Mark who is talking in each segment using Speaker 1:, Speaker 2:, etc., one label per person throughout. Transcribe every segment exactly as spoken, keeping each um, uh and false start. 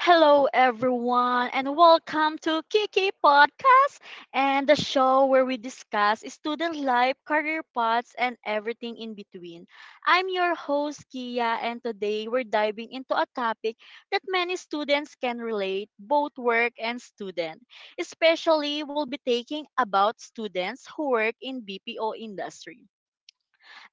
Speaker 1: Hello, everyone, and welcome to Kiki Podcast and the show where we discuss student life, career paths, and everything in between. I'm your host, Kia, and today we're diving into a topic that many students can relate, both work and student. Especially, we'll be taking about students who work in B P O industry.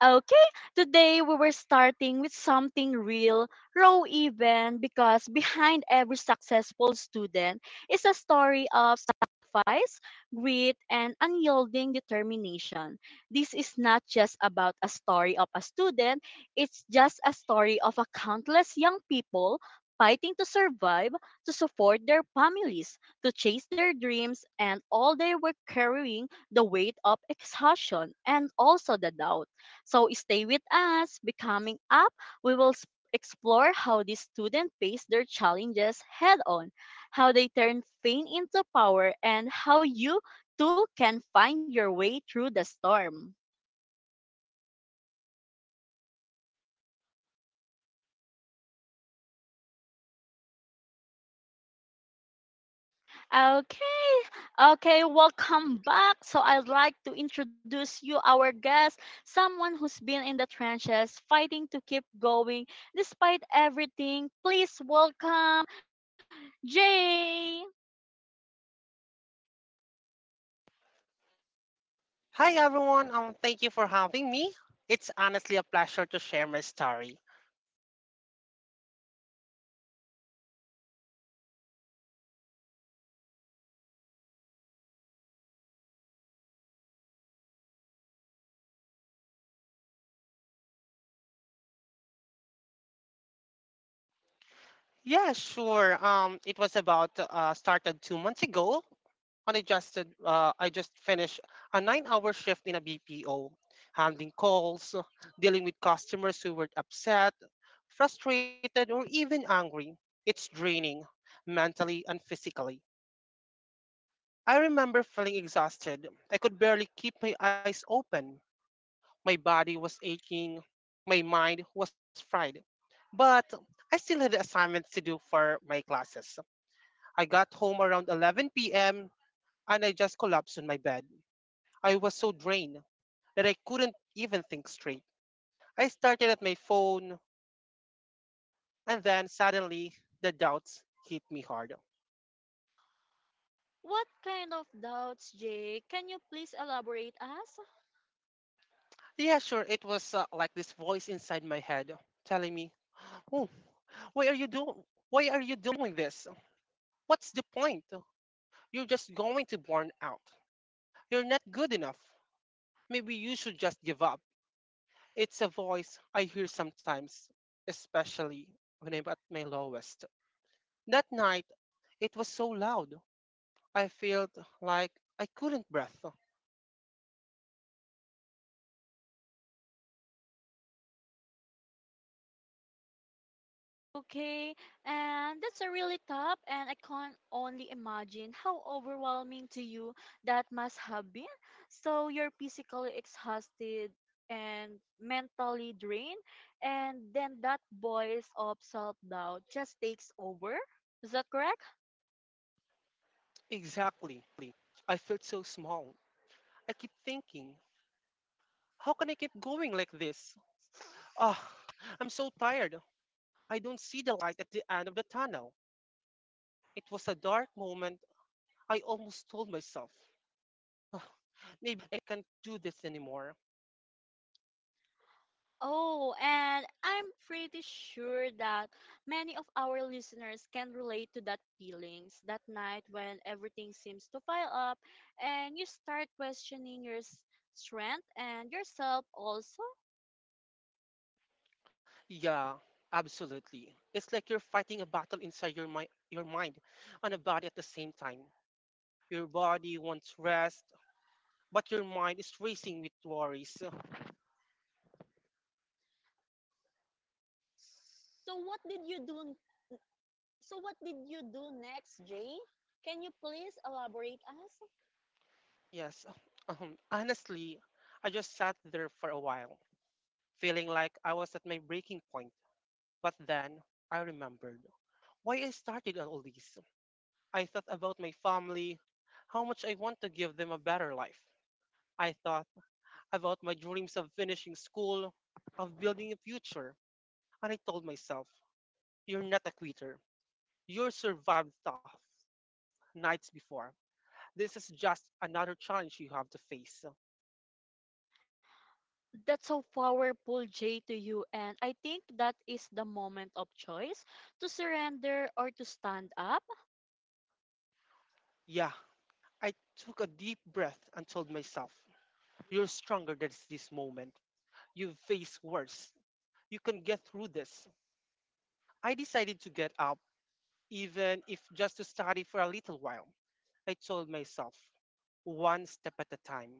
Speaker 1: Okay, today we were starting with something real, raw even, because behind every successful student is a story of sacrifice, grit, and unyielding determination. This is not just about a story of a student, it's just a story of a countless young people fighting to survive, to support their families, to chase their dreams, and all they were carrying the weight of exhaustion and also the doubt. So stay with us. Becoming up, we will s- explore how these students face their challenges head on, how they turn pain into power, and how you too can find your way through the storm. Okay, okay, welcome back. So I'd like to introduce you our guest, someone who's been in the trenches fighting to keep going despite everything. Please welcome Jay.
Speaker 2: Hi everyone, um, thank you for having me. It's honestly a pleasure to share my story. Yeah, sure. Um, it was about uh, started two months ago, and I just did- uh, I just finished a nine-hour shift in a B P O, handling calls, dealing with customers who were upset, frustrated, or even angry. It's draining, mentally and physically. I remember feeling exhausted. I could barely keep my eyes open. My body was aching, my mind was fried. But I still had assignments to do for my classes. I got home around eleven p m and I just collapsed on my bed. I was so drained that I couldn't even think straight. I started at my phone and then suddenly the doubts hit me hard.
Speaker 1: What kind of doubts, Jay? Can you please elaborate us?
Speaker 2: Yeah, sure, it was uh, like this voice inside my head telling me, "Oh, why are you doing why are you doing this? What's the point? You're just going to burn out. You're not good enough. Maybe you should just give up. It's a voice I hear sometimes, especially when I'm at my lowest. That night, it was so loud. I felt like I couldn't breathe.
Speaker 1: Okay, and that's a really tough, and I can only imagine how overwhelming to you that must have been. So you're physically exhausted and mentally drained, and then that voice of self doubt just takes over. Is that correct?
Speaker 2: Exactly. I felt so small. I keep thinking, how can I keep going like this? Ah, I'm so tired. I don't see the light at the end of the tunnel. It was a dark moment. I almost told myself, "Ah, maybe I can't do this anymore."
Speaker 1: Oh, and I'm pretty sure that many of our listeners can relate to that feelings that night when everything seems to pile up and you start questioning your s- strength and yourself also.
Speaker 2: Yeah, absolutely. It's like you're fighting a battle inside your mind, your mind and a body at the same time. Your body wants rest, but your mind is racing with worries.
Speaker 1: So what did you do? So what did you do next, Jay? Can you please elaborate us?
Speaker 2: Yes. Um, honestly, I just sat there for a while, feeling like I was at my breaking point. But then I remembered why I started all this. I thought about my family, how much I want to give them a better life. I thought about my dreams of finishing school, of building a future, and I told myself, you're not a quitter. You survived tough nights before. This is just another challenge you have to face.
Speaker 1: That's so powerful, Jay, to you. And I think that is the moment of choice to surrender or to stand up.
Speaker 2: Yeah, I took a deep breath and told myself, you're stronger than this moment. You've faced worse. You can get through this. I decided to get up, even if just to study for a little while. I told myself, one step at a time.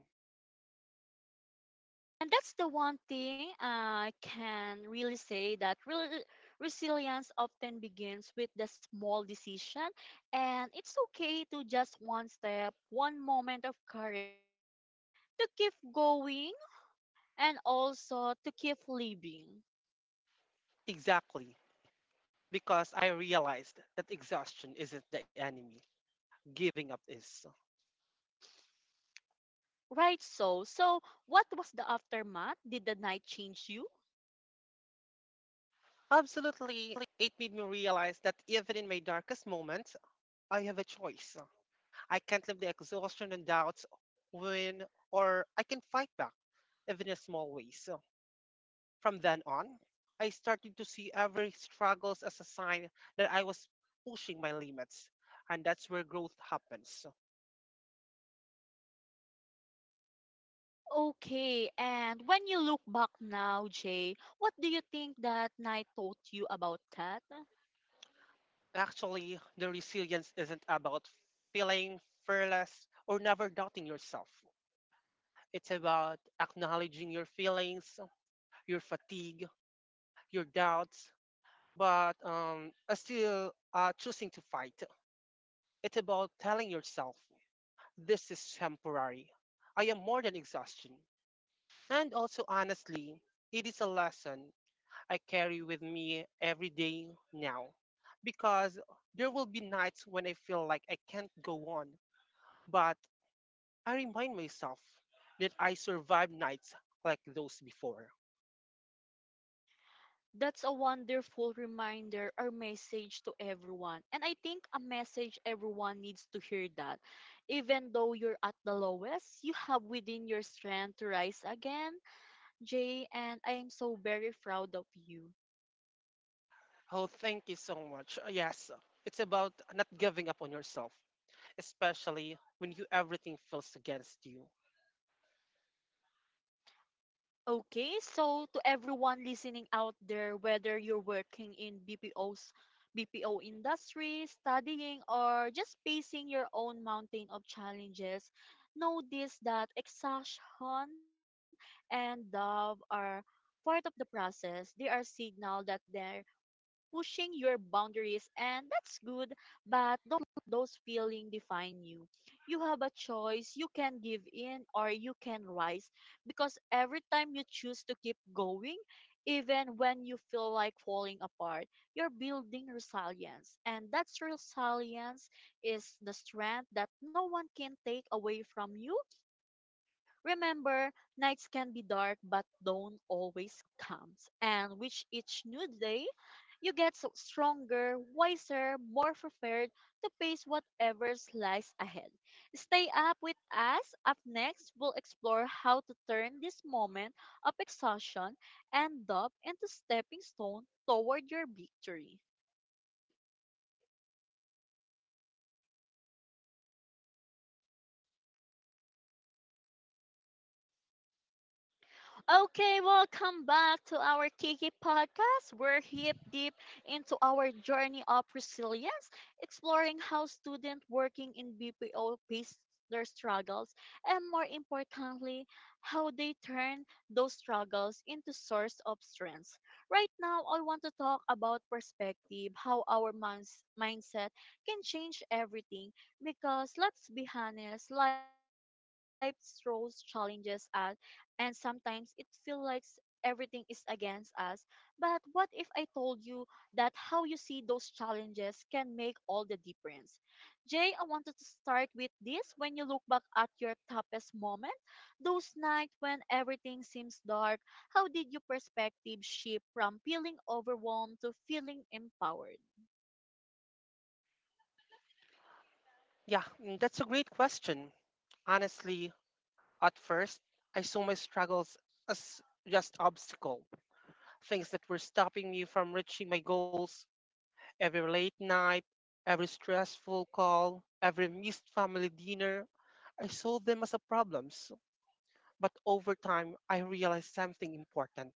Speaker 1: And that's the one thing I can really say that re- resilience often begins with the small decision, and it's okay to just one step, one moment of courage to keep going and also to keep living.
Speaker 2: Exactly, because I realized that exhaustion isn't the enemy, giving up is.
Speaker 1: Right, so so what was the aftermath? Did the night change you?
Speaker 2: Absolutely, it made me realize that even in my darkest moments, I have a choice. I can't live the exhaustion and doubts win, or I can fight back, even in small ways. From then on, I started to see every struggles as a sign that I was pushing my limits, and that's where growth happens.
Speaker 1: Okay, and when you look back now, Jay, what do you think that night taught you about that?
Speaker 2: Actually, the resilience isn't about feeling fearless or never doubting yourself. It's about acknowledging your feelings, your fatigue, your doubts, but um, uh, still uh, choosing to fight. It's about telling yourself, this is temporary. I am more than exhaustion. And also, honestly, it is a lesson I carry with me every day now because there will be nights when I feel like I can't go on. But I remind myself that I survived nights like those before.
Speaker 1: That's a wonderful reminder or message to everyone. And I think a message everyone needs to hear that. Even though you're at the lowest, you have within your strength to rise again, Jay, and I am so very proud of you.
Speaker 2: Oh, thank you so much. Uh, Yes, it's about not giving up on yourself, especially when you everything feels against you.
Speaker 1: Okay, so to everyone listening out there, whether you're working in BPO's B P O industry, studying, or just facing your own mountain of challenges, know this that exhaustion and doubt are part of the process. They are signal that there pushing your boundaries, and that's good, but don't let those feelings define you. You have a choice. You can give in or you can rise because every time you choose to keep going, even when you feel like falling apart, you're building resilience. And that's resilience is the strength that no one can take away from you. Remember, nights can be dark but dawn always comes, and with each new day, you get so stronger, wiser, more prepared to face whatever lies ahead. Stay up with us. Up next, we'll explore how to turn this moment of exhaustion and doubt into stepping stone toward your victory. Okay, welcome back to our Kiki podcast. We're hip deep into our journey of resilience, exploring how students working in B P O face their struggles and more importantly, how they turn those struggles into source of strength. Right now, I want to talk about perspective, how our minds- mindset can change everything because let's be honest, life throws challenges at and sometimes it feels like s- everything is against us. But what if I told you that how you see those challenges can make all the difference? Jay, I wanted to start with this. When you look back at your toughest moment, those nights when everything seems dark, how did your perspective shift from feeling overwhelmed to feeling empowered?
Speaker 2: Yeah, mm, that's a great question. Honestly, at first, I saw my struggles as just obstacle, things that were stopping me from reaching my goals. Every late night, every stressful call, every missed family dinner, I saw them as a problems. But over time, I realized something important.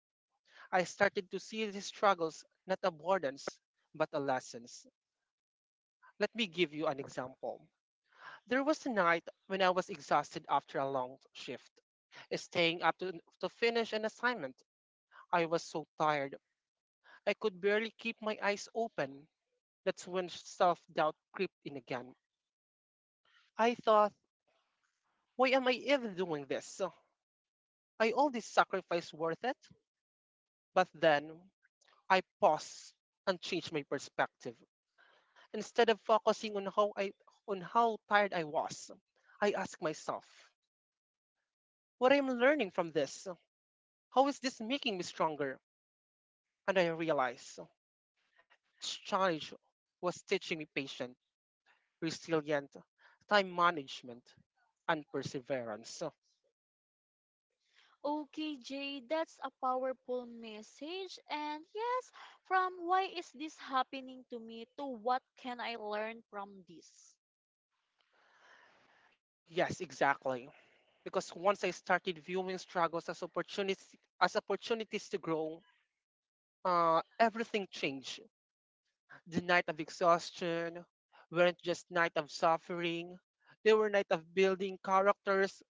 Speaker 2: I started to see these struggles not as burdens, but as lessons. Let me give you an example. There was a night when I was exhausted after a long shift, staying up to, to finish an assignment. I was so tired, I could barely keep my eyes open. That's when self doubt crept in again. I thought, why am I even doing this? I all this sacrifice worth it? But then I paused and changed my perspective. Instead of focusing on how I On how tired I was, I asked myself, what I'm learning from this? How is this making me stronger? And I realized this challenge was teaching me patience, resilience, time management, and perseverance.
Speaker 1: Okay, Jay, that's a powerful message. And yes, from why is this happening to me to what can I learn from this?
Speaker 2: Yes, exactly. Because once I started viewing struggles as opportunities as opportunities to grow, uh, everything changed. The night of exhaustion weren't just night of suffering. They were night of building characters.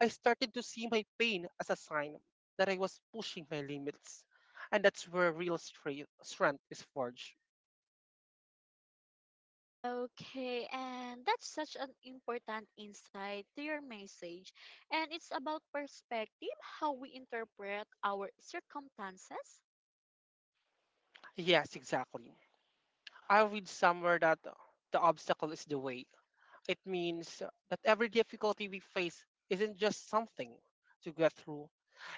Speaker 2: I started to see my pain as a sign that I was pushing my limits. And that's where real strength, strength is forged.
Speaker 1: Okay, and that's such an important insight to your message. And it's about perspective, how we interpret our circumstances.
Speaker 2: Yes, exactly. I read somewhere that uh, the obstacle is the way. It means uh, that every difficulty we face isn't just something to get through.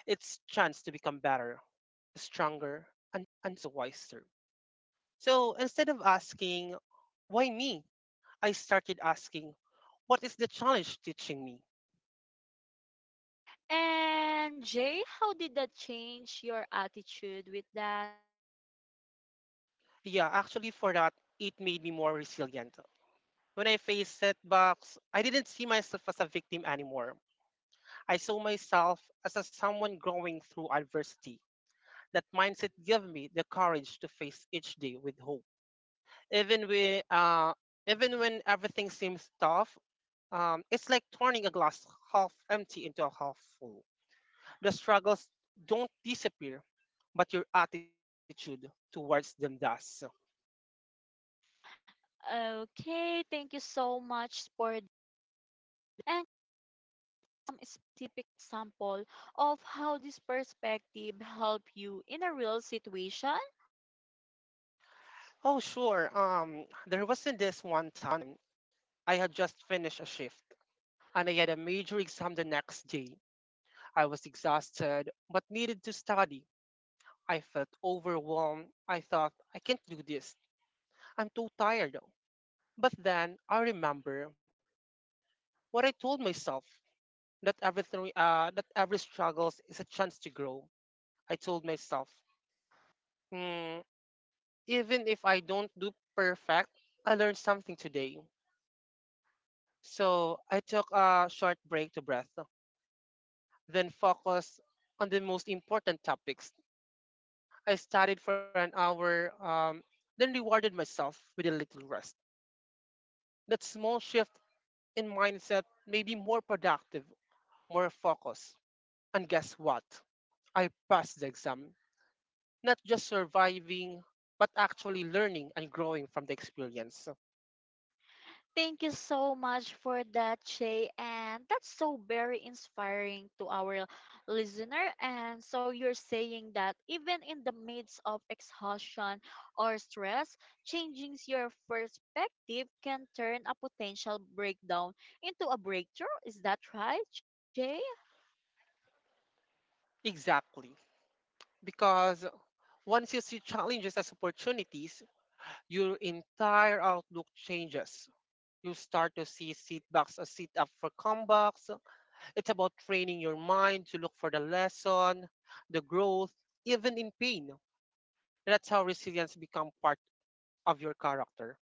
Speaker 2: It's chance to become better, stronger, and, and wiser. So instead of asking, why me? I started asking, what is the challenge teaching me?
Speaker 1: And Jay, how did that change your attitude with that?
Speaker 2: Yeah, actually, for that, it made me more resilient. When I faced setbacks, I didn't see myself as a victim anymore. I saw myself as a someone growing through adversity. That mindset gave me the courage to face each day with hope. Even, we, uh, Even when everything seems tough, um, it's like turning a glass half empty into a half full. The struggles don't disappear, but your attitude towards them does.
Speaker 1: Okay, thank you so much for that. Some specific example of how this perspective help you in a real situation?
Speaker 2: Oh, sure. Um, there wasn't this one time I had just finished a shift and I had a major exam the next day. I was exhausted but needed to study. I felt overwhelmed. I thought, I can't do this. I'm too tired. But then I remember what I told myself that everything, uh, that every struggles is a chance to grow. I told myself, hmm, even if I don't do perfect, I learned something today. So I took a short break to breath, then focused on the most important topics. I studied for an hour, um, then rewarded myself with a little rest. That small shift in mindset made me more productive, more focused. And guess what? I passed the exam, not just surviving, but actually learning and growing from the experience.
Speaker 1: Thank you so much for that, Shay. And that's so very inspiring to our listener. And so you're saying that even in the midst of exhaustion or stress, changing your perspective can turn a potential breakdown into a breakthrough. Is that right, Jay?
Speaker 2: Exactly, because once you see challenges as opportunities, your entire outlook changes. You start to see setbacks as sit up for comebacks. It's about training your mind to look for the lesson, the growth, even in pain. That's how resilience become part of your character.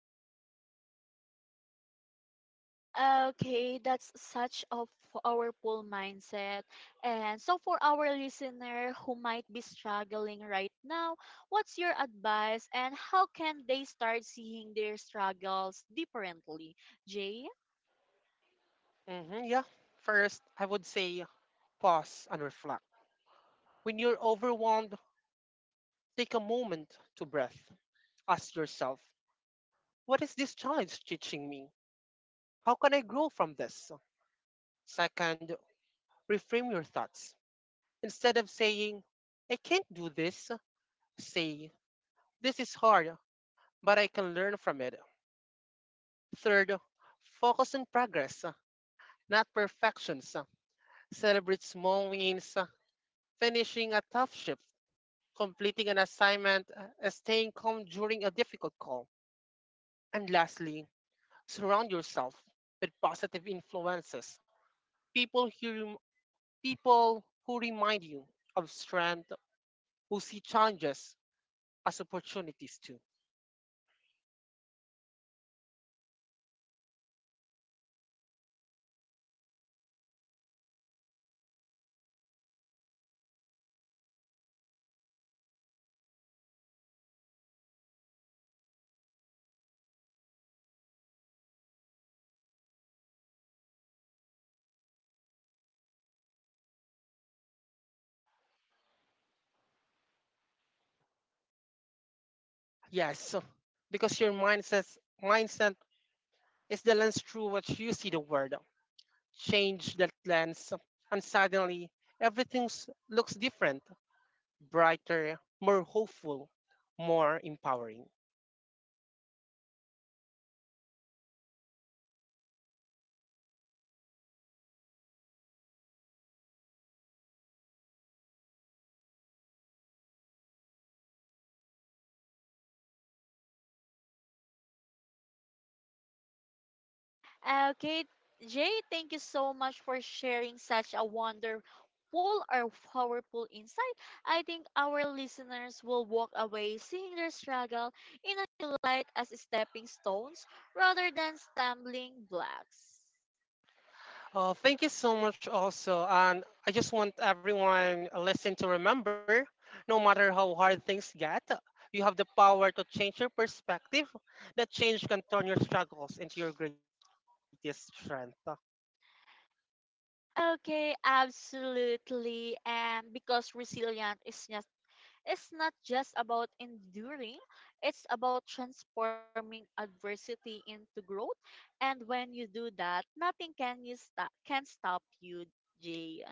Speaker 1: Okay, that's such a powerful mindset. And so, for our listener who might be struggling right now, what's your advice and how can they start seeing their struggles differently? Jay?
Speaker 2: Mhm, yeah. First, I would say pause and reflect. When you're overwhelmed, take a moment to breath. Ask yourself, what is this challenge teaching me? How can I grow from this? Second, reframe your thoughts. Instead of saying, I can't do this, say, this is hard, but I can learn from it. Third, focus on progress, not perfections. Celebrate small wins, finishing a tough shift, completing an assignment, uh, staying calm during a difficult call. And lastly, surround yourself with positive influences. People who, people who remind you of strength, who see challenges as opportunities too. Yes, so because your mindset mindset is the lens through which you see the world. Change that lens, and suddenly everything looks different, brighter, more hopeful, more empowering.
Speaker 1: Uh, Okay, Jay, thank you so much for sharing such a wonderful or powerful insight. I think our listeners will walk away seeing their struggle in a new light as stepping stones rather than stumbling blocks.
Speaker 2: Uh, thank you so much, also, and I just want everyone listening to remember, no matter how hard things get. You have the power to change your perspective. That change can turn your struggles into your greatest strength.
Speaker 1: Okay, absolutely. And because resilience is just it's not just about enduring, it's about transforming adversity into growth. And when you do that, nothing can you stop can stop you, Jay.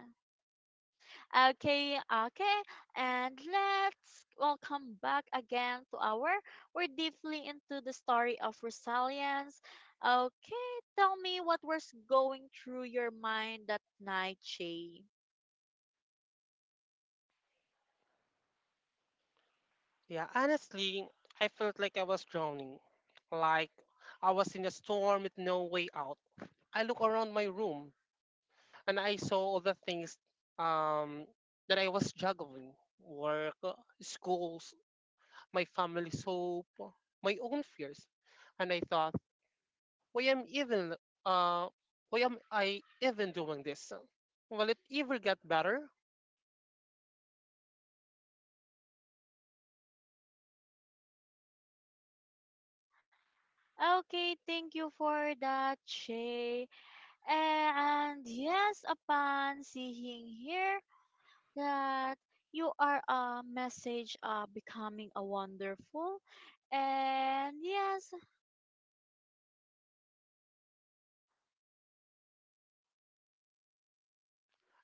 Speaker 1: Okay, okay. And let's welcome back again to our we're deeply into the story of resilience. Okay, tell me what was going through your mind that night, Jay.
Speaker 2: Yeah, honestly, I felt like I was drowning. Like I was in a storm with no way out. I look around my room and I saw all the things um, that I was juggling work, uh, schools, my family's hope, my own fears. And I thought, why am even uh why am I even doing this? Will it ever get better?
Speaker 1: Okay, thank you for that, Shay. And yes, upon seeing here that you are a message of becoming a wonderful. And yes,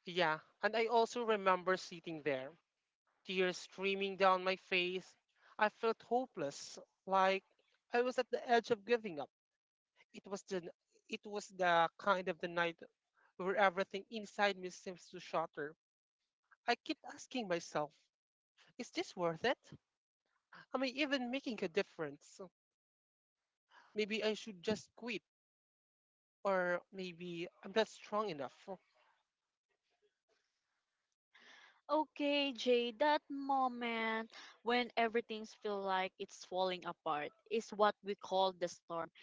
Speaker 2: Yeah, and I also remember sitting there tears streaming down my face. I felt hopeless, like I was at the edge of giving up. It was the it was the kind of the night where everything inside me seems to shatter. I keep asking myself, is this worth it? Am I even making a difference? Maybe I should just quit, or maybe I'm not strong enough.
Speaker 1: okay, Jay, that moment when everything feels like it's falling apart is what we call the storm.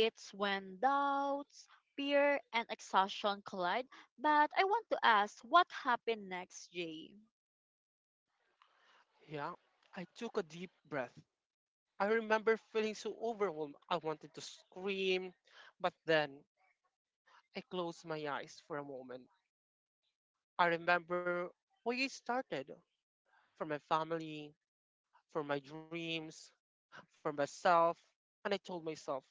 Speaker 1: It's when doubts, fear, and exhaustion collide. But I want to ask, what happened next, Jay?
Speaker 2: Yeah, I took a deep breath. I remember feeling so overwhelmed. I wanted to scream, but then I closed my eyes for a moment. I remember where it started for my family, for my dreams, for myself. And I told myself,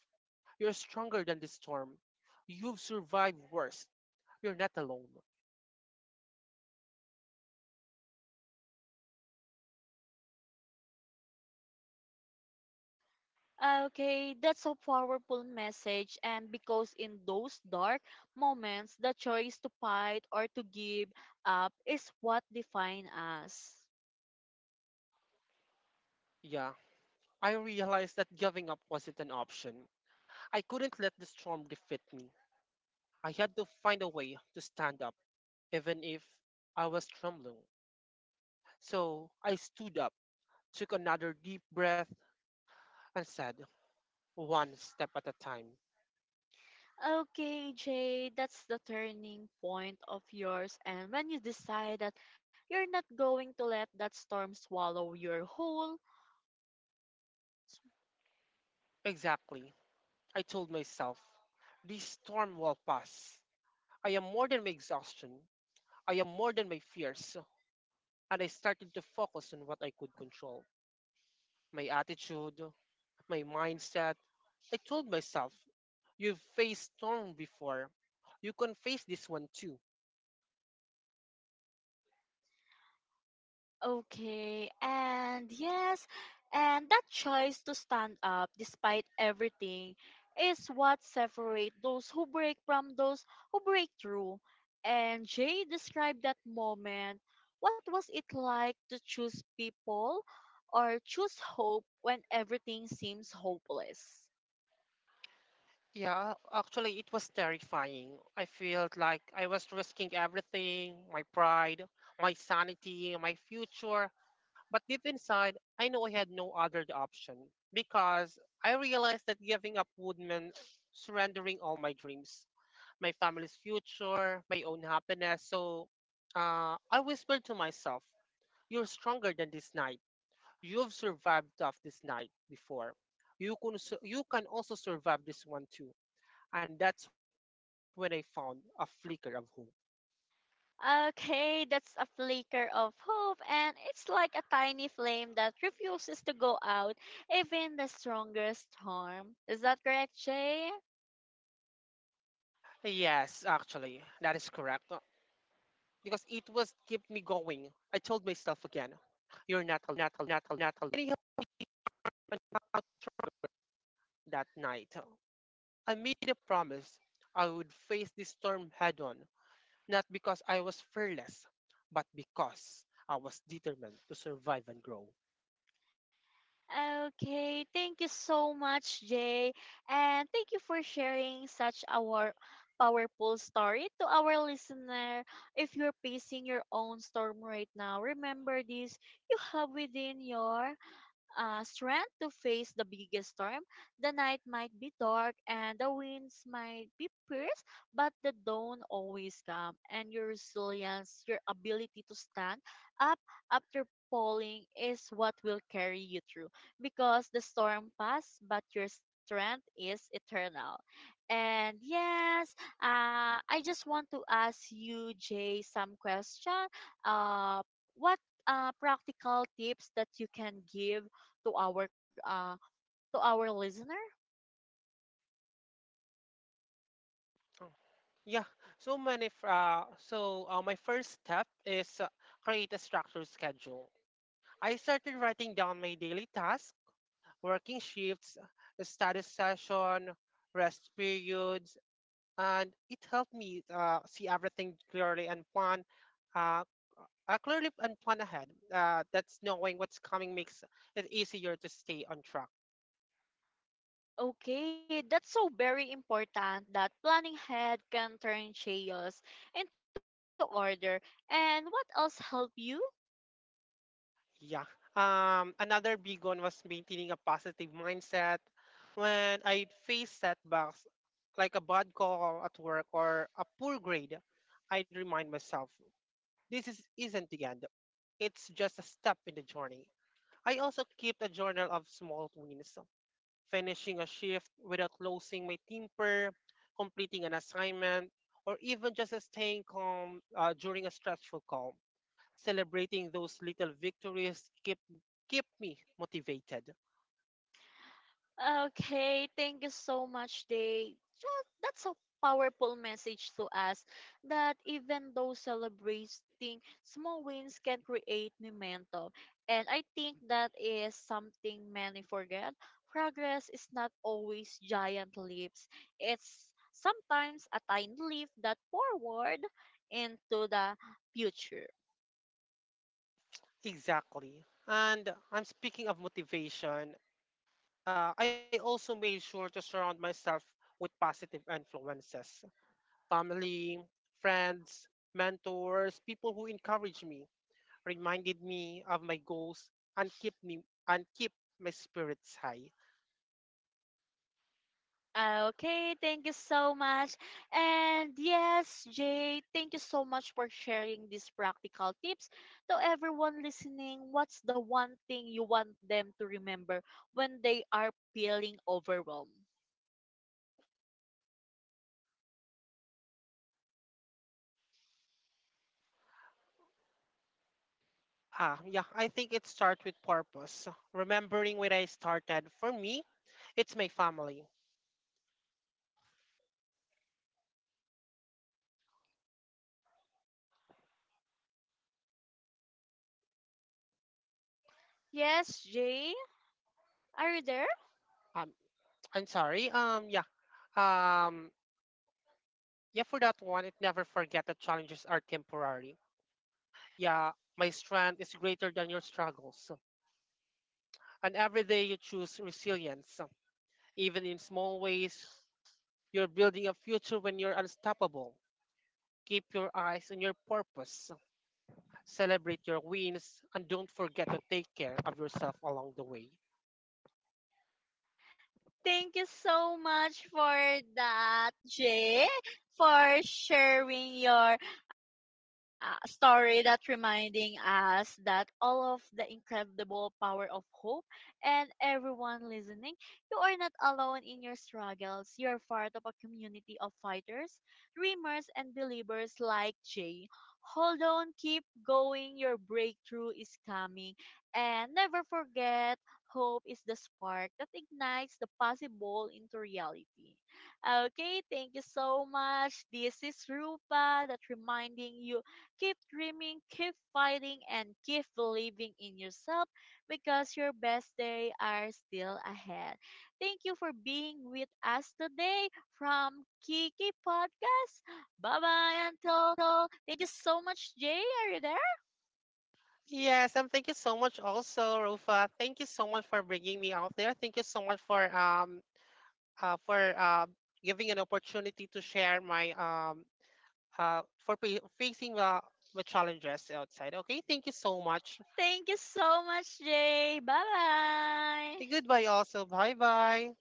Speaker 2: you're stronger than this storm. You've survived worse. You're not alone.
Speaker 1: Okay, that's a powerful message. And because in those dark moments, the choice to fight or to give up is what define us.
Speaker 2: Yeah, I realized that giving up wasn't an option. I couldn't let the storm defeat me. I had to find a way to stand up, even if I was trembling. So I stood up, took another deep breath, and said, one step at a time.
Speaker 1: Okay, Jay, that's the turning point of yours. And when you decide that you're not going to let that storm swallow your whole,
Speaker 2: Exactly. I told myself, this storm will pass. I am more than my exhaustion. I am more than my fears. And I started to focus on what I could control my attitude, my mindset. I told myself, you've faced storm before. You can face this one too.
Speaker 1: okay, and yes, and that choice to stand up despite everything is what separates those who break from those who break through. And Jay described that moment. What was it like to choose people or choose hope when everything seems hopeless?
Speaker 2: Yeah, actually, it was terrifying. I felt like I was risking everything my pride, my sanity, my future. But deep inside, I know I had no other option because I realized that giving up would mean surrendering all my dreams, my family's future, my own happiness. So uh, I whispered to myself, you're stronger than this night. You've survived off this night before. You can, su- you can also survive this one too. And that's when I found a flicker of hope.
Speaker 1: Okay, that's a flicker of hope, and it's like a tiny flame that refuses to go out, even the strongest storm. Is that correct, Jay?
Speaker 2: Yes, actually, that is correct, because it was keep me going. I told myself again, "You're not alone." Anyhow, that night, I made a promise I would face this storm head-on, not because I was fearless, but because I was determined to survive and grow.
Speaker 1: Okay, thank you so much, Jay, and thank you for sharing such a war- powerful story to our listener. If you're facing your own storm right now, remember this you have within your uh, strength to face the biggest storm. The night might be dark and the winds might be fierce, but the dawn always comes. And your resilience, your ability to stand up after falling is what will carry you through because the storm passed, but your strength is eternal. And yes, uh, I just want to ask you, Jay, some question. Uh, what uh, practical tips that you can give to our uh, to our listener?
Speaker 2: Oh, yeah, so many. F- Uh, so uh, my first step is uh, create a structured schedule. I started writing down my daily tasks, working shifts, study session, rest periods, and it helped me uh, see everything clearly and plan uh, uh, clearly and plan ahead. Uh, that's knowing what's coming makes it easier to stay on track.
Speaker 1: Okay, that's so very important that planning ahead can turn chaos into order. And what else help you?
Speaker 2: Yeah. Um, another big one was maintaining a positive mindset. When I face setbacks, like a bad call at work or a poor grade, I'd remind myself this is, isn't the end. It's just a step in the journey. I also keep a journal of small wins, finishing a shift without losing my temper, completing an assignment, or even just staying calm uh, during a stressful call. Celebrating those little victories keep keep me motivated.
Speaker 1: Okay, thank you so much, Day. Tha- That's a powerful message to us that even though celebrating small wins can create momentum. And I think that is something many forget. Progress is not always giant leaps, it's sometimes a tiny leap that forward into the future.
Speaker 2: Exactly. And I'm speaking of motivation. Uh, I also made sure to surround myself with positive influences, family, friends, mentors, people who encourage me reminded me of my goals and keep me and keep my spirits high.
Speaker 1: Okay, thank you so much. And yes, Jay, thank you so much for sharing these practical tips. To everyone listening, what's the one thing you want them to remember when they are feeling overwhelmed?
Speaker 2: Ah, yeah, I think it starts with purpose. Remembering when I started, for me, it's my family.
Speaker 1: Yes, Jay, are you there?
Speaker 2: Um, I'm sorry. Um, yeah. Um, yeah, for that one, it never forget that challenges are temporary. Yeah, my strength is greater than your struggles. And every day you choose resilience. Even in small ways, you're building a future when you're unstoppable. Keep your eyes on your purpose. Celebrate your wins and don't forget to take care of yourself along the way.
Speaker 1: Thank you so much for that, Jay, for sharing your uh, story that reminding us that all of the incredible power of hope and everyone listening, you are not alone in your struggles. You're part of a community of fighters, dreamers, and believers like Jay. Hold on, keep going. Your breakthrough is coming. And never forget hope is the spark that ignites the possible into reality. Okay, thank you so much. This is Rupa that reminding you keep dreaming, keep fighting, and keep believing in yourself because your best day are still ahead. Thank you for being with us today from Kiki Podcast. Bye bye until thank you so much, Jay. Are you there?
Speaker 2: Yes, and thank you so much also, Rufa. Thank you so much for bringing me out there. Thank you so much for um uh, for uh, giving an opportunity to share my um uh for pe- facing the the challenges outside. Okay, thank you so much.
Speaker 1: Thank you so much, Jay. Bye bye.
Speaker 2: Goodbye also. Bye bye.